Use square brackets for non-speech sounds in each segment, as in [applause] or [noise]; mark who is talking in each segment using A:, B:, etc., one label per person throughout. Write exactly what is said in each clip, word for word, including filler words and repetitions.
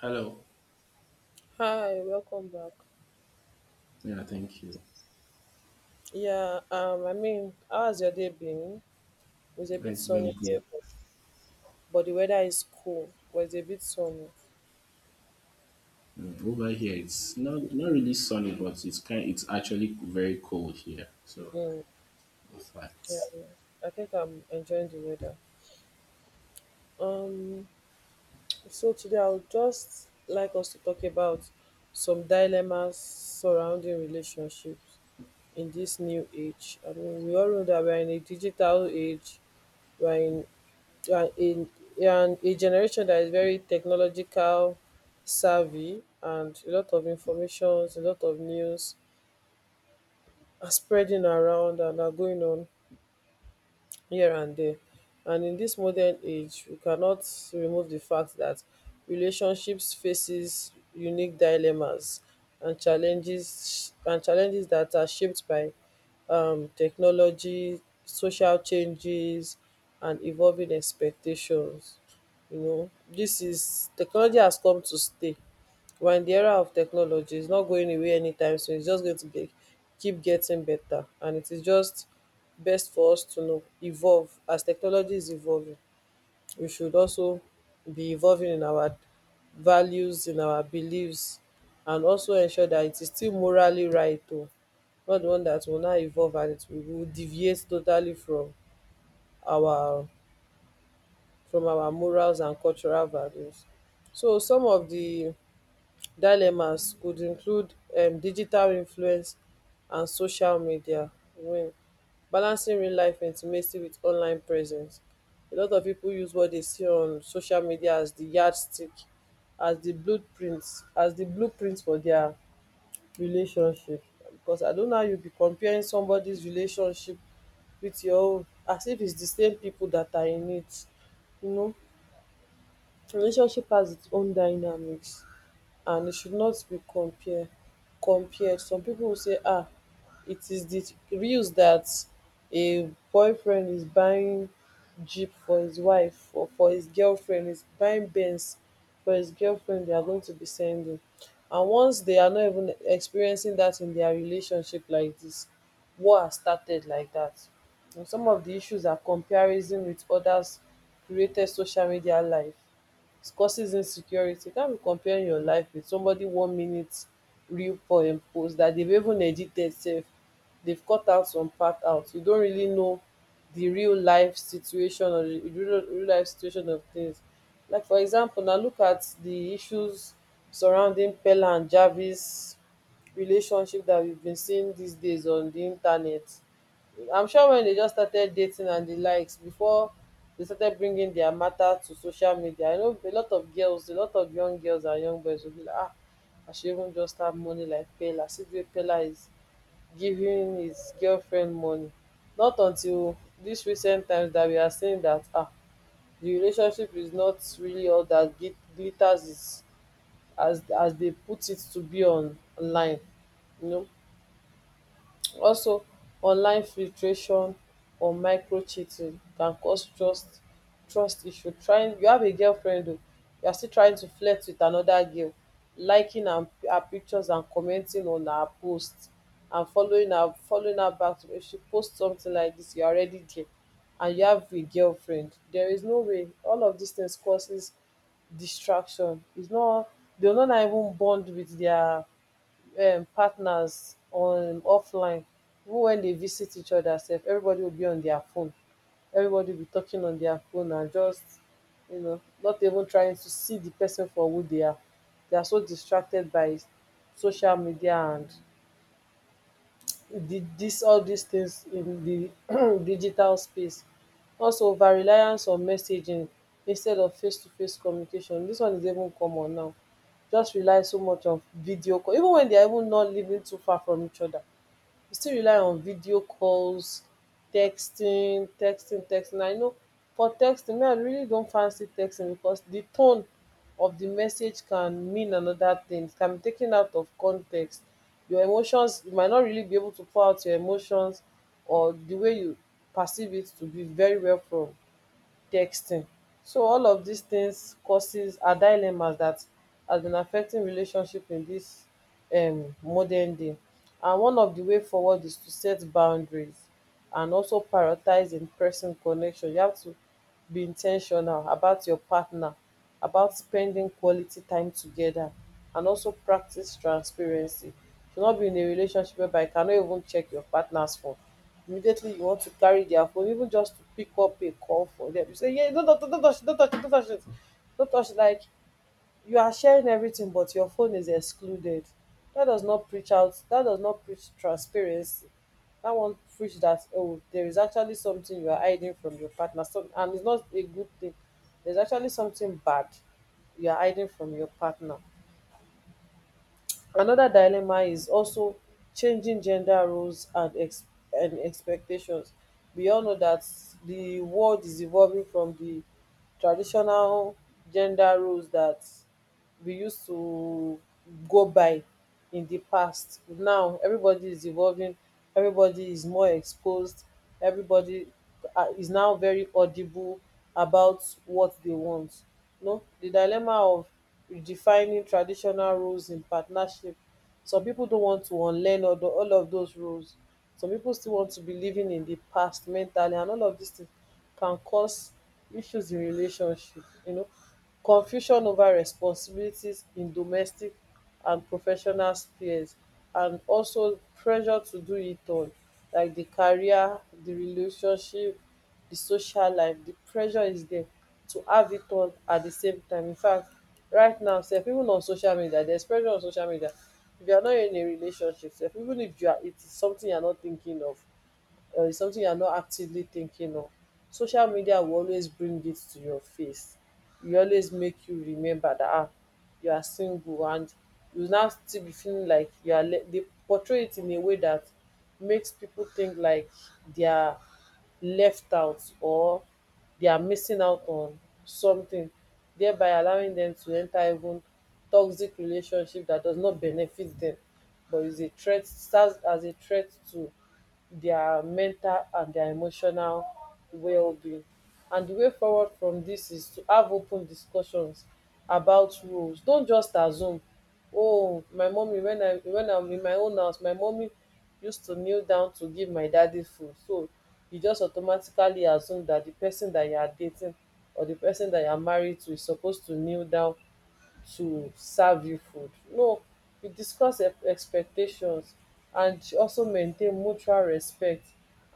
A: Hello.
B: Hi, welcome back.
A: Yeah, thank you.
B: Yeah, um, I mean, how has your day been? It was a bit
A: It's been
B: sunny here,
A: good.
B: but but the weather is cool. But it's a bit sunny.
A: Mm, over here, it's not not really sunny, but it's kind. It's actually very cold here. So,
B: Mm,
A: in
B: yeah,
A: fact,
B: I think I'm enjoying the weather. Um, so today I would just like us to talk about some dilemmas surrounding relationships in this new age. I mean, we all know that we're in a digital age, we're in and a and a generation that is very technological savvy, and a lot of informations, a lot of news are spreading around and are going on here and there. And in this modern age, we cannot remove the fact that relationships faces unique dilemmas and challenges, and challenges that are shaped by um, technology, social changes, and evolving expectations. You know, this is technology has come to stay, we're in the era of technology. It's not going away anytime soon. It's just going to be, keep getting better. And it is just best for us to know, evolve. As technology is evolving, we should also be evolving in our values, in our beliefs, and also ensure that it is still morally right, too. Not the one that will now evolve and it will will deviate totally from our from our morals and cultural values. So some of the dilemmas could include um digital influence and social media. When balancing real life intimacy with online presence, a lot of people use what they see on social media as the yardstick, as the blueprints, as the blueprint for their relationship. Because I don't know how you be comparing somebody's relationship with your own as if it's di same pipu dat are in it, you know. Relationship has its own dynamics and it should not be compare compared. Some people will say ah, it is the reels that a boyfriend is buying jeep for his wife, or for his girlfriend, is buying benz for his girlfriend they are going to be sending. And once they are not even experiencing that in their relationship like this, war has started like that. And some of the issues are comparison with others, created social media life, it causes insecurity. You can't be comparing your life with somebody one minute real poem post that they've even edited sef. They've cut out some part out. You don't really know the real life situation, or the real, real life situation of things. Like for example, now look at the issues surrounding Pella and Jarvis relationship that we've been seeing these days on the internet. I'm sure when they just started dating and the likes, before they started bringing their matter to social media. I know a lot of girls, a lot of young girls and young boys will be like, ah, I should even just have money like Pela. See the way Pela is giving his girlfriend money. Not until this recent times that we are saying that ah, the relationship is not really all that glit- glitters is as as they put it to be on online. You know, also online filtration or microcheating can cause trust trust issue. Trying you have a girlfriend oo, you are still trying to flirt with another girl, liking her her pictures and commenting on her post, and following her, following her back to, if she post something like this you are already there, and you have a girlfriend. There is no way all of these things causes distraction. Is not, they will no now even bond with their um partners on offline. Even when they visit each other sef, everybody will be on their phone, everybody will be talking on their phone, and just, you know, not even trying to see the person for who they are. They are so distracted by social media and di dis all dis tins in di [clears throat] digital space. Also overreliance on messaging instead of facetoface communication, dis one is even common now. Just rely so much on video call even wen dia even not living too far from each oda, we still rely on video calls, texting, texting, texting. I know for texting, me, I really don't fancy texting, because the tone of the message can mean another thing. It can be taken out of context. Your emotions, you might not really be able to pour out your emotions, or the way you perceive it to be very well from texting. So all of these things causes are dilemmas that has been affecting relationship in this um modern day. And one of the way forward is to set boundaries and also prioritize in person connection. You have to be intentional about your partner, about spending quality time together, and also practice transparency. You should not be in a relationship whereby you cannot even check your partners phone. Immediately you want to carry their phone, even just to pick up a call for them, you say, yeah, don't, don't, don't touch it, don't touch it, don't touch it. don't touch it. Like you are sharing everything, but your phone is excluded. That does not preach out, that does not preach transparency. That won't preach that, oh, there is actually something you are hiding from your partner. So, and it's not a good thing. There's actually something bad you are hiding from your partner. Another dilemma is also changing gender roles and ex- and expectations. We all know that the world is evolving from the traditional gender roles that we used to go by in the past. Now everybody is evolving, everybody is more exposed, everybody uh, is now very audible about what they want. No, the dilemma of redefining traditional roles in partnership, some people don't want to unlearn all, tho- all of those roles. Some people still want to be living in the past mentally, and all of these things can cause issues in relationship, you know. Confusion over responsibilities in domestic and professional spheres, and also pressure to do it all, like the career, the relationship, the social life, the pressure is there to have it all at the same time. In fact, right now sef, even on social media, there's pressure on social media. If you are not in a relationship sef, even if you are, it is something you are not thinking of, uh, it's something you're not actively thinking of. Social media will always bring it to your face. It will always make you remember that ah, you are single, and you will now still be feeling like you are. Le- they portray it in a way that makes people think like they are left out, or they are missing out on something, thereby allowing them to enter even toxic relationship that does not benefit them, but is a threat, starts as a threat to their mental and their emotional well-being. And the way forward from this is to have open discussions about rules. Don't just assume, oh, my mommy, when I when I'm in my own house, my mommy used to kneel down to give my daddy food. So you just automatically assume that the person that you are dating or the person that you are married to is supposed to kneel down to serve you food. No, you discuss ex- expectations and also maintain mutual respect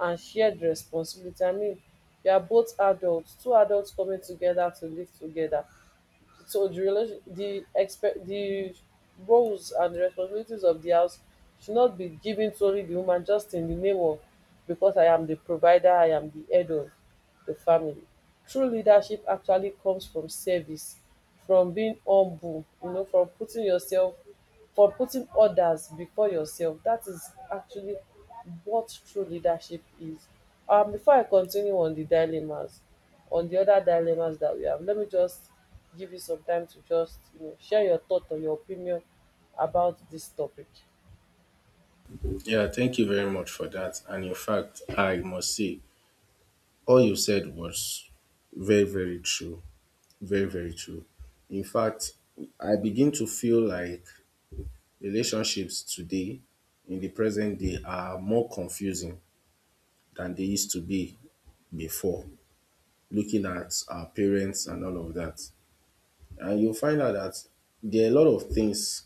B: and shared responsibility. I mean, you are both adults, two adults coming together to live together. So the relation the expect the roles and responsibilities of the house should not be given solely the woman just in the name of, because I am the provider, I am the head of the family. True leadership actually comes from service, from being humble, you know, from putting yourself for putting others before yourself. That is actually what true leadership is. Um before I continue on the dilemmas, on the other dilemmas that we have, let me just give you some time to just, you know, share your thought or your opinion about this topic.
A: yeah, thank you very much for that. And in fact, I must say, all you said was very, very true. Very, very true. In fact, I begin to feel like relationships today, in the present day, are more confusing than they used to be before. Looking at our parents and all of that, and you'll find out that there are a lot of things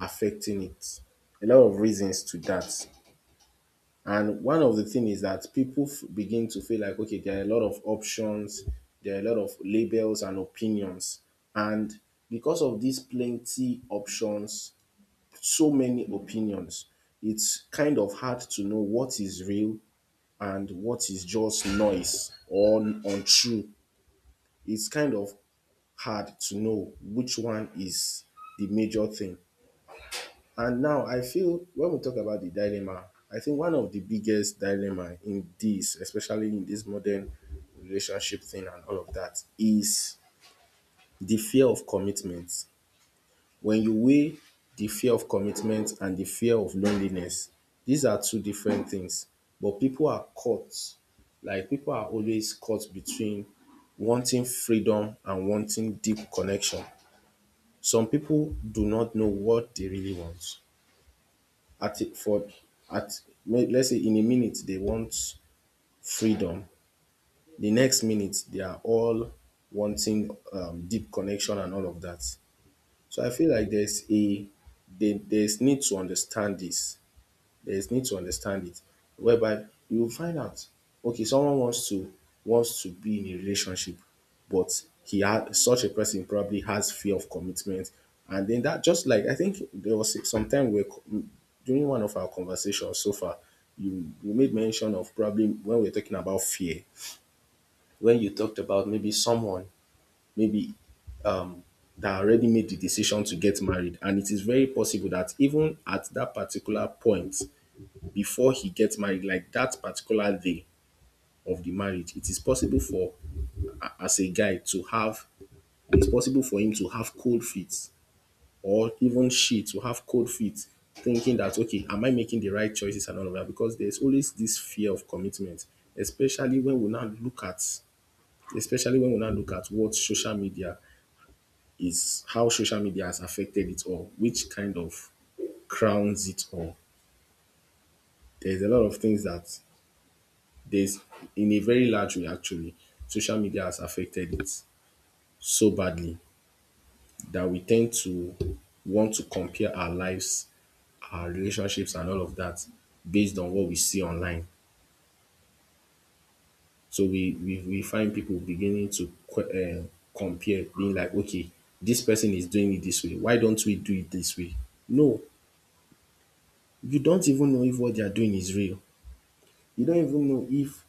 A: affecting it, a lot of reasons to that. And one of the thing is that people f- begin to feel like, okay, there are a lot of options, there are a lot of labels and opinions. And because of these plenty options, so many opinions, it's kind of hard to know what is real and what is just noise or n- untrue. It's kind of hard to know which one is the major thing. And now I feel when we talk about the dilemma, I think one of the biggest dilemma in this, especially in this modern relationship thing and all of that, is the fear of commitment. When you weigh the fear of commitment and the fear of loneliness, these are two different things. But people are caught, like people are always caught between wanting freedom and wanting deep connection. Some people do not know what they really want at a- for at may- let's say in a minute they want freedom, the next minute they are all wanting um, deep connection and all of that. So I feel like there's a they, there's need to understand this, there is need to understand it, whereby you will find out okay, someone wants to wants to be in a relationship, but he had such a person probably has fear of commitment. And then that, just like I think there was some time where co- during one of our conversations so far, you you made mention of, probably when we we're talking about fear, when you talked about maybe someone, maybe, um that already made the decision to get married. And it is very possible that even at that particular point, before he gets married, like that particular day of the marriage, it is possible for a- as a guy to have, it's possible for him to have cold feet, or even she to have cold feet, thinking that, okay, am I making the right choices and all of that? Because there's always this fear of commitment, especially when we now look at especially when we now look at what social media is, how social media has affected it all, which kind of crowns it all. There's a lot of things that there's In a very large way actually, social media has affected it so badly that we tend to want to compare our lives, our relationships and all of that based on what we see online. So we we, we find people beginning to que- uh, compare, being like, okay, this person is doing it this way. Why don't we do it this way? No, you don't even know if what they are doing is real. You don't even know if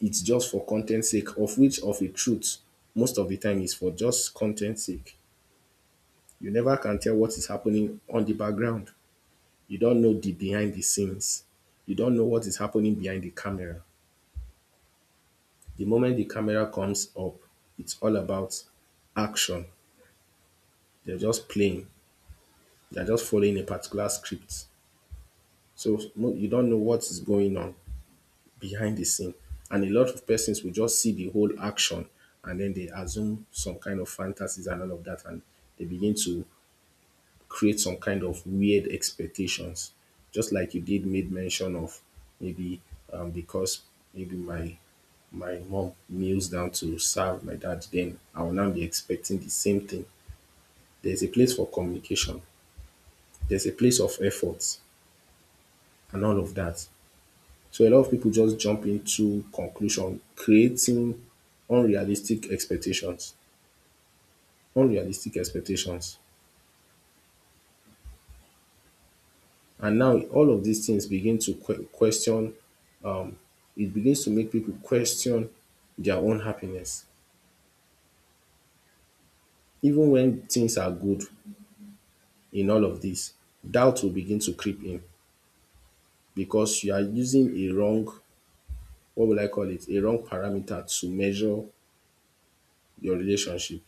A: it's just for content sake, of which of a truth most of the time is for just content sake. You never can tell what is happening on the background, you don't know the behind the scenes, you don't know what is happening behind the camera. The moment the camera comes up, it's all about action. They're just playing, they're just following a particular script. So mo- you don't know what is going on behind the scene. And a lot of persons will just see the whole action and then they assume some kind of fantasies and all of that. And they begin to create some kind of weird expectations. Just like you did made mention of, maybe, um, because, maybe my my mom kneels down to serve my dad, then I will now be expecting the same thing. There's a place for communication, there's a place of efforts and all of that. So a lot of people just jump into conclusion, creating unrealistic expectations, unrealistic expectations. And now all of these things begin to que- question, it begins to make people question their own happiness. Even when things are good in all of this, doubt will begin to creep in because you are using a wrong, what will I call it, a wrong parameter to measure your relationship.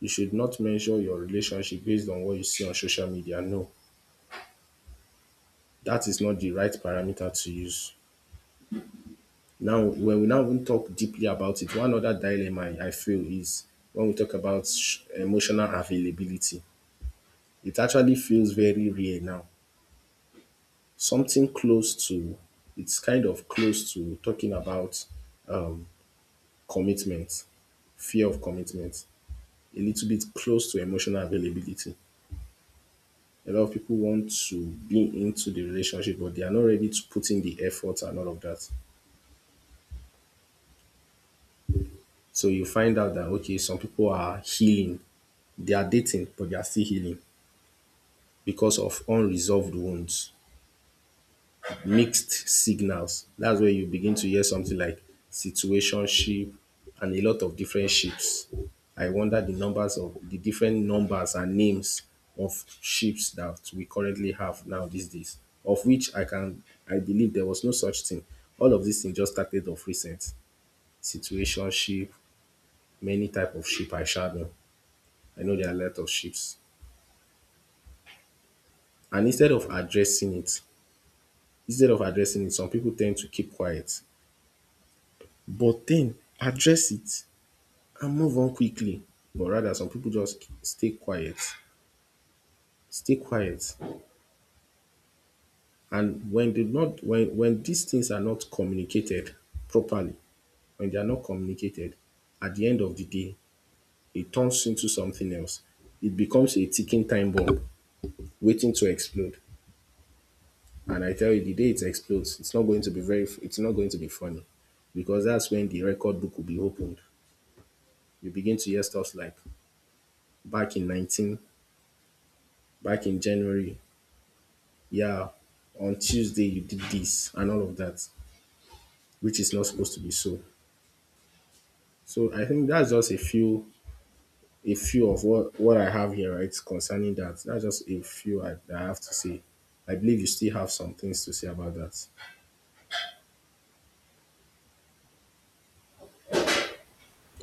A: You should not measure your relationship based on what you see on social media. No, that is not the right parameter to use. Now, when we now even talk deeply about it, one other dilemma I I feel is when we talk about sh- emotional availability. It actually feels very rare now. Something close to, it's kind of close to talking about commitment, fear of commitment, a little bit close to emotional availability. A lot of people want to be into the relationship, but they are not ready to put in the effort and all of that. So you find out that, okay, some people are healing. They are dating, but they are still healing because of unresolved wounds, mixed signals. That's where you begin to hear something like situationship and a lot of different ships. I wonder the numbers of the different numbers and names of ships that we currently have now these days, of which I can, I believe there was no such thing. All of these things just started of recent. Situationship, many type of ship I shadow. I know there are a lot of ships. And instead of addressing it, instead of addressing it, some people tend to keep quiet, but then address it and move on quickly. But rather, some people just stay quiet, stay quiet. And when they not when when these things are not communicated properly, when they are not communicated, at the end of the day, it turns into something else. It becomes a ticking time bomb waiting to explode. And I tell you, the day it explodes, it's not going to be very it's not going to be funny. Because that's when the record book will be opened. You begin to hear stuff like back in nineteen, back in January. Yeah, on Tuesday you did this and all of that, which is not supposed to be so. So I think that's just a few, a few of what, what I have here, right? Concerning that. That's just a few, I, that I have to say. I believe you still have some things to say about that.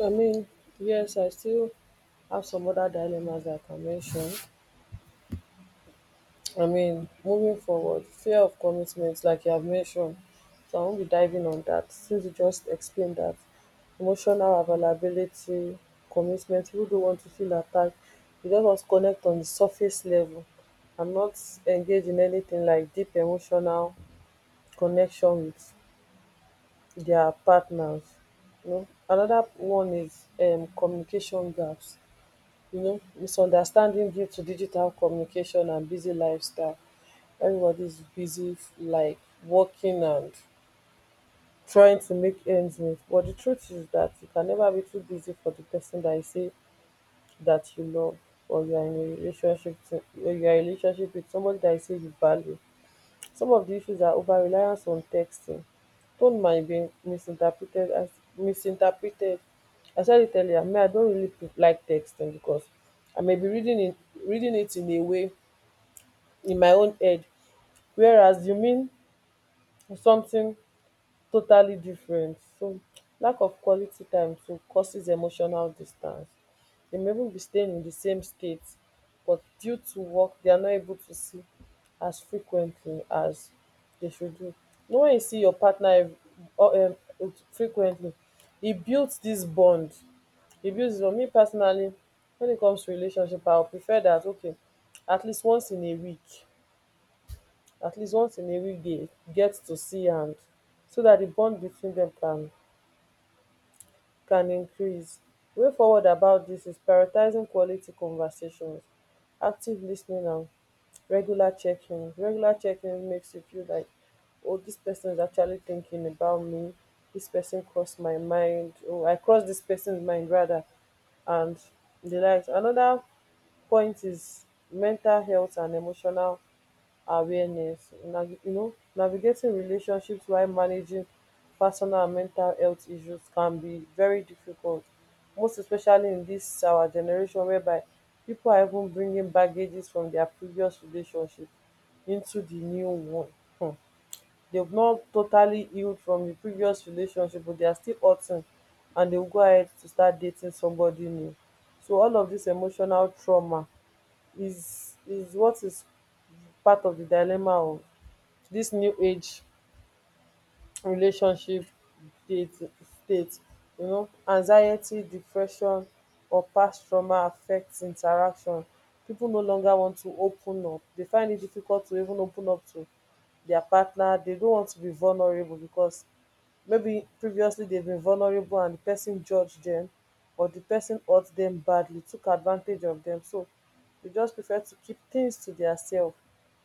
B: I mean, yes, I still have some other dilemmas that I can mention. I mean, moving forward, fear of commitment, like you have mentioned, so I won't be diving on that since you just explained that. Emotional availability, commitment, people don't want to feel attacked. You just want to connect on the surface level and not engage in anything like deep emotional connection with their partners. You know, another one is um, communication gaps. You know, misunderstanding due to digital communication and busy lifestyle. Everybody's busy, like working and trying to make ends meet. But the truth is that you can never be too busy for the person that you say that you love, or you are in a relationship to, or you are in a relationship with somebody that you say you value. Some of the issues are over reliance on texting. Don't mind being misinterpreted as misinterpreted. I said it earlier, me, I don't really pre- like texting because I may be reading it reading it in a way in my own head. Whereas you mean something totally different. So lack of quality time too causes emotional distance. They may even be staying in the same state, but due to work they are not able to see as frequently as they should do. You know, you see your partner ev- or, um frequently, it builds this bond. It builds. For me personally, when it comes to relationship, I would prefer that, okay, at least once in a week, at least once in a week dey get to see, and so that the bond between them can can increase. Way forward about this is prioritising quality conversations, active listening, ten, and regular checking. Regular checking makes you feel like, oh, this person is actually thinking about me. This person crossed my mind. Oh, I crossed this person's mind rather. And di likes anoda point is mental health and emotional awareness. na- you know, navigating relationships while managing personal and mental health issues can be very difficult, most especially in this our generation, whereby people are even bringing baggages from their previous relationship into the new one. Hmm. They've not totally healed from the previous relationship, but they are still hurting, and they will go ahead to start dating somebody new. So all of this emotional trauma is is what is part of the dilemma. Dis new age relationship, date, state, um anxiety, depression, or past trauma affect interaction. Pipo no longer want to open up. Dey find it difficult to even open up to dia partner. Dey don't want to be vulnerable, becos maybe previously they've been vulnerable and the person judged them, or the person hurt them badly, took advantage of them. So they just prefer to keep things to diasef.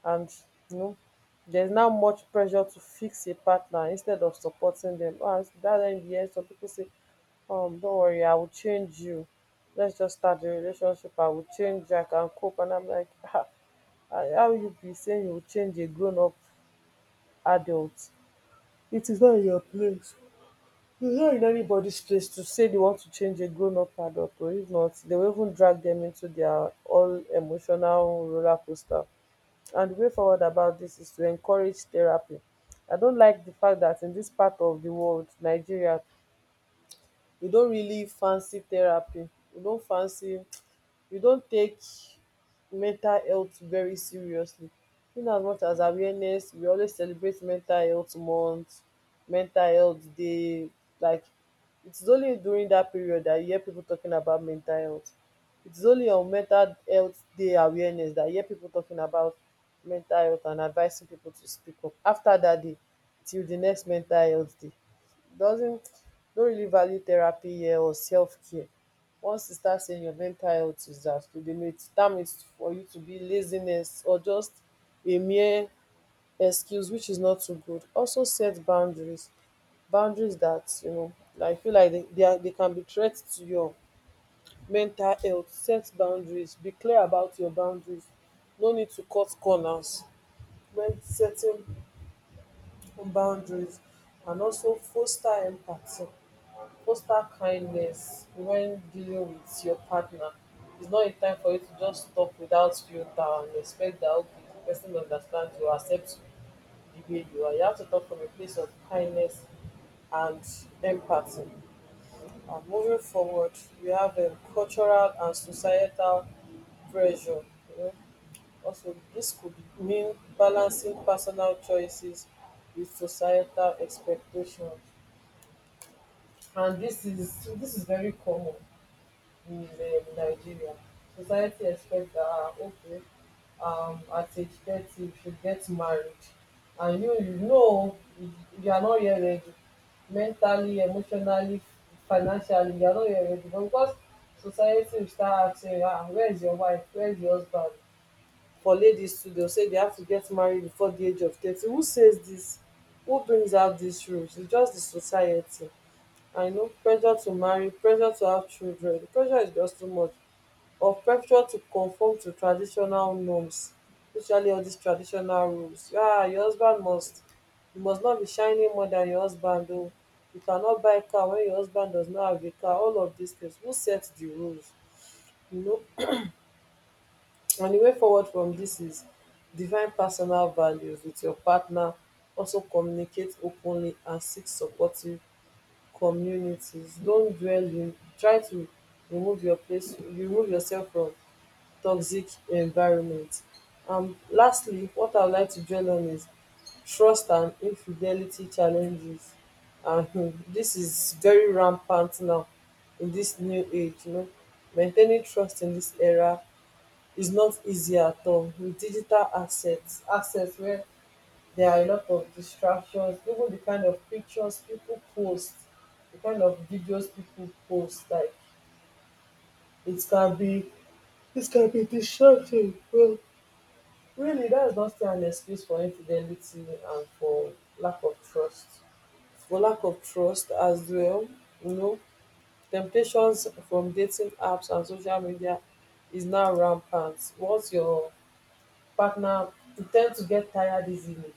B: And you know theres now much pressure to fix a partner instead of supporting dem. And that end hear some people say, um don't worry, I will change you. Let's just start the relationship, I will change, I can cope. And I'm like, um how you be saying you will change a grown up adult? It is not your place. It's not in anybody's place to say they want to change a grown up adult, or if not, they will even drag them into their all emotional roller coaster. And the way forward about this is to encourage therapy. I don't like the fact that in this part of the world, Nigeria, we don't really fancy therapy. We don't fancy, we don take mental health very seriously. In as much as awareness, we always celebrate mental health month, mental health day. Like, it's only during that period that you hear people talking about mental health. It's only on mental health day awareness that you hear people talking about mental health and advising people to speak up. After that day till the next mental health day, doesn't, don't really value therapy here or self care. Once you start saying your mental health is that, to the mate term is for you to be laziness or just a mere excuse, which is not too good. Also, set boundaries. Boundaries that you know, like, I feel like they, they, are, they can be threats to your mental health. Set boundaries. Be clear about your boundaries. No need to cut corners when setting boundaries. And also foster empathy. Foster kindness when dealing with your partner. It's not a time for you to just talk without filter and expect that, okay, the person understands you, accepts the way you are. You have to talk from a place of kindness and empathy. And moving forward, we have um, cultural and societal pressure. You know? Also, this could mean balancing personal choices with societal expectations. And this is this is very common in um, Nigeria. Society expects that, ah, okay, um, at age thirty you should get married, and you you know you you are not yet ready, mentally, emotionally, financially, you are not yet ready. But because society will start asking, ah, where is your wife? Where is your husband? For ladies too, they'll say they have to get married before the age of thirty. Who says this? Who brings out these rules? It's just the society. I know pressure to marry, pressure to have children. The pressure is just too much. Or pressure to conform to traditional norms, especially all these traditional rules. Yeah, your husband must, you must not be shining more than your husband. Oh, you cannot buy car when your husband does not have a car. All of these things. Who sets the rules? You know. And the way forward from this is divine personal values with your partner. Also communicate openly and seek supportive communities. Don't dwell in, try to remove your place, remove yourself from toxic environments. Um. Lastly, what I would like to dwell on is trust and infidelity challenges. And um dis is very rampant now in this new age, you know. Maintaining trust in this era is not easy at all, with digital assets assets where there are a lot of distractions. Even the kind of pictures people post, the kind of videos people post, like, it can be it can be distracting. Well, really, that's not still an excuse for infidelity and for lack of trust. For lack of trust as well, you know, temptations from dating apps and social media is now rampant. Once your partner, you tend to get tired easily,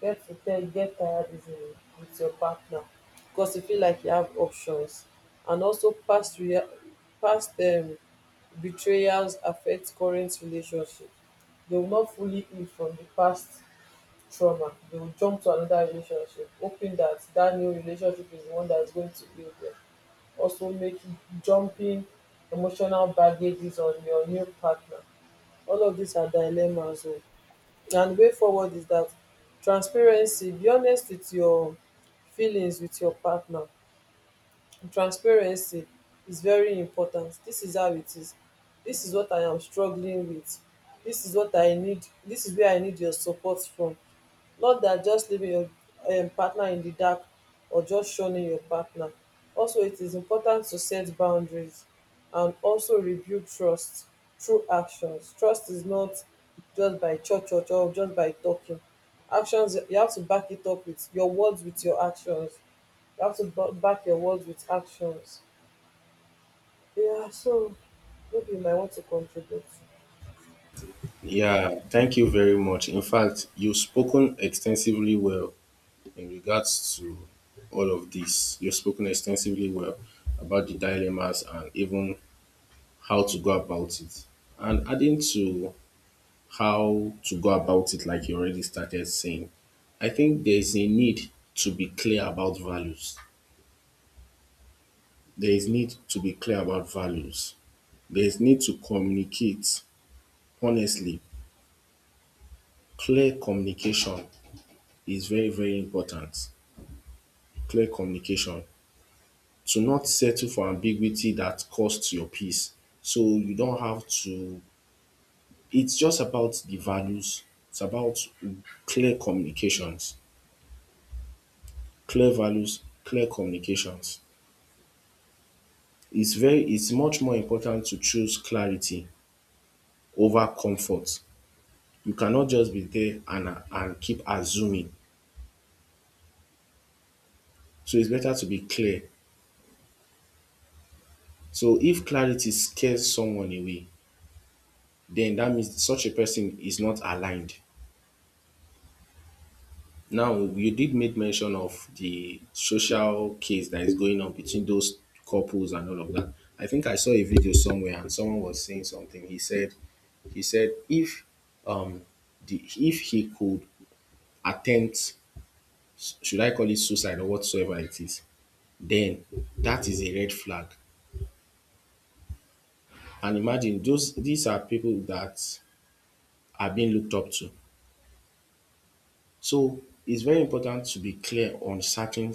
B: get prepared, get tired easily with your partner because you feel like you have options. And also past rea- past um, betrayals affect current relationship. They will not fully heal from the past trauma. They will jump to another relationship hoping that that new relationship is the one that is going to heal them. Also making, jumping emotional baggages on your new partner. All of these are dilemmas o. And way forward is that transparency, be honest with your feelings with your partner. Transparency is very important. This is how it is. This is what I am struggling with. This is what I need. This is where I need your support from, more dan just leaving your um partner in the dark or just shunning your partner. Also, it is important to set boundaries and also rebuild trust through actions. Trust is not just by cho cho cho or just by talking. Actions, you have to back it up with your words, with your actions. You have to ba- back your words with actions. Yeah, so maybe you might want to contribute.
A: Yeah, thank you very much. In fact, you've spoken extensively well in regards to all of this. You've spoken extensively well about the dilemmas and even how to go about it. And adding to how to go about it, like you already started saying, I think there is a need to be clear about values. There is need to be clear about values. There is need to communicate honestly. Clear communication is very, very important. Clear communication. To not settle for ambiguity that costs your peace. So you don't have to, it's just about the values. It's about clear communications. Clear values, clear communications. It's very it's much more important to choose clarity over comfort. You cannot just be there and and keep assuming. So it's better to be clear. So if clarity scares someone away, then that means such a person is not aligned. Now, you did make mention of the social case that is going on between those couples and all of that. I think I saw a video somewhere and someone was saying something. He said, he said if, um the, if he could attempt, should I call it suicide or whatsoever it is, then that is a red flag. And imagine those these are people that are being looked up to. So it's very important to be clear on certain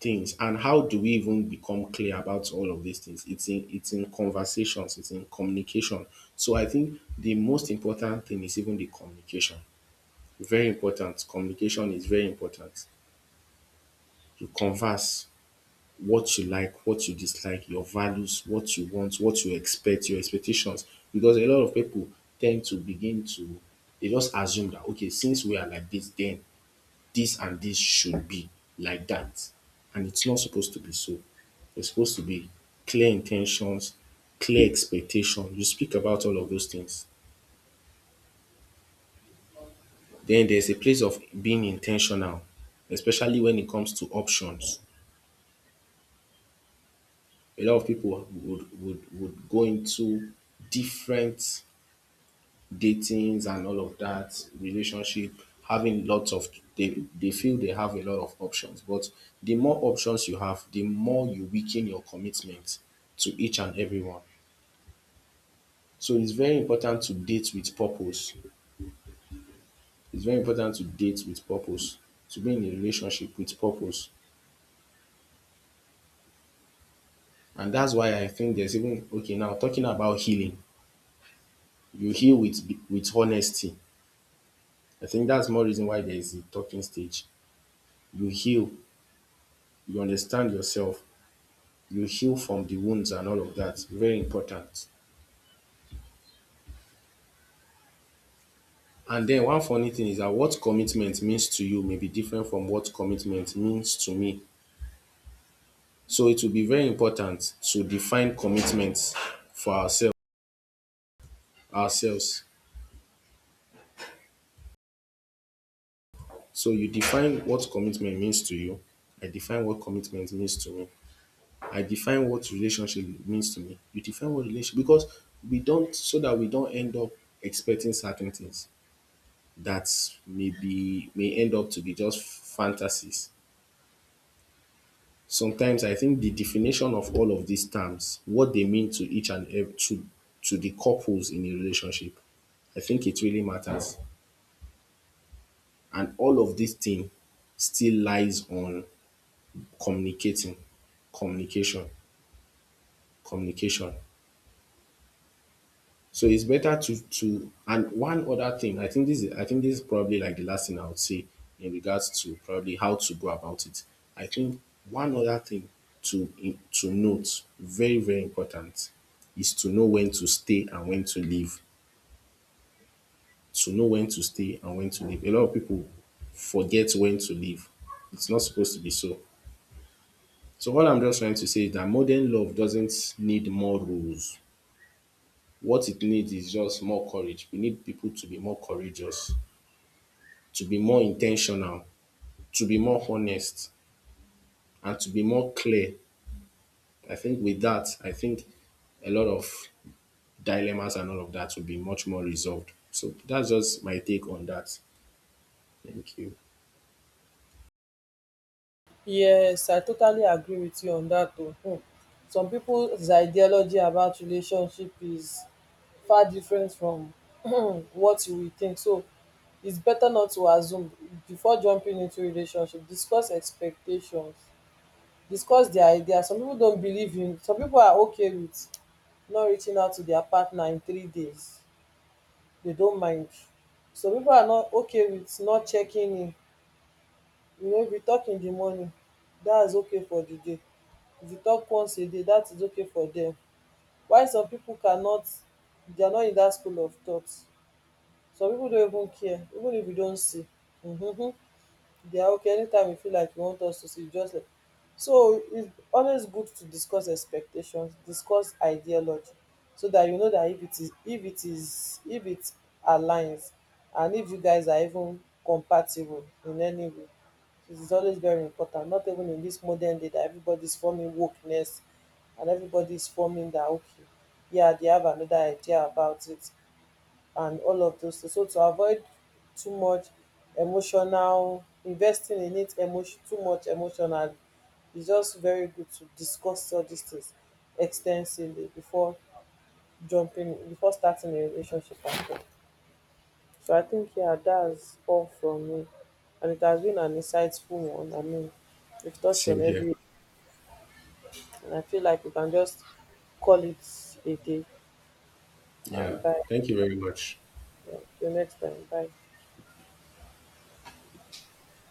A: things. And how do we even become clear about all of these things? It's in, it's in conversations, it's in communication. So I think the most important thing is even the communication. Very important, communication is very important. You converse what you like, what you dislike, your values, what you want, what you expect, your expectations. Because a lot of people tend to begin to, they just assume that, okay, since we are like this then this and this should be like that. And it's not supposed to be so. It's supposed to be clear intentions, clear expectation. You speak about all of those things. Then there's a place of being intentional, especially when it comes to options. A lot of people would would would go into different datings and all of that, relationship, having lots of, they, they feel they have a lot of options. But the more options you have, the more you weaken your commitment to each and everyone. So it's very important to date with purpose. It's very important to date with purpose, to be in a relationship with purpose. And that's why I think there's even okay, now talking about healing. You heal with with honesty. I think that's more reason why there is the talking stage. You heal, you understand yourself, you heal from the wounds and all of that. Very important. And then one funny thing is that what commitment means to you may be different from what commitment means to me. So it will be very important to define commitment for ourselves ourselves. So you define what commitment means to you. I define what commitment means to me. I define what relationship means to me. You define what relationship, because we don't, so that we don't end up expecting certain things that may be, may end up to be just fantasies sometimes. I think the definition of all of these terms, what they mean to each and every, to, to the couples in a relationship, I think it really matters. And all of this thing still lies on communicating, communication, communication. So it's better to to and one other thing, I think this is I think this is probably like the last thing I would say in regards to probably how to go about it. I think one other thing to to note, very, very important, is to know when to stay and when to leave. To know when to stay and when to leave. A lot of people forget when to leave. It's not supposed to be so. So what I'm just trying to say is that modern love doesn't need more rules. What it needs is just more courage. We need people to be more courageous, to be more intentional, to be more honest, and to be more clear. I think with that, I think a lot of dilemmas and all of that will be much more resolved. So that's just my take on that. Thank you.
B: Yes, I totally agree with you on that too. Hmm. Some people's ideology about relationship is far different from [clears throat] what you will think. So it's better not to assume before jumping into relationship. Discuss expectations. Discuss their idea. Some people don't believe in, some people are okay with not reaching out to their partner in three days. They don't mind. Some people are not okay with not checking in. You know, if you talk in the morning, that's okay for the day. Di tok once a day, dat is okay for dem, while some pipo cannot. Dia no in dat school of thought. Some pipo don even care, even if you don see, um they are okay anytime you feel like you want us to see, just like. So it's always good to discuss expectations, discuss ideology, so that you know that if it is if it is if it aligns, and if you guys are even compatible in any way. It is always very important, not even in this modern day that everybody is forming wokeness and everybody is forming that, okay, yeah, they have another idea about it and all of those things. So to avoid too much emotional investing in it, emotion, too much emotional, it's just very good to discuss all these things extensively before jumping, before starting a relationship at all. So I think, yeah, that's all from me, and it has been an insightful one. I mean, we've touched on
A: Same here.
B: every, and I feel like we can just call it a day. Um,
A: Yeah.
B: bye.
A: Thank you very much.
B: Yeah, till next time. Bye.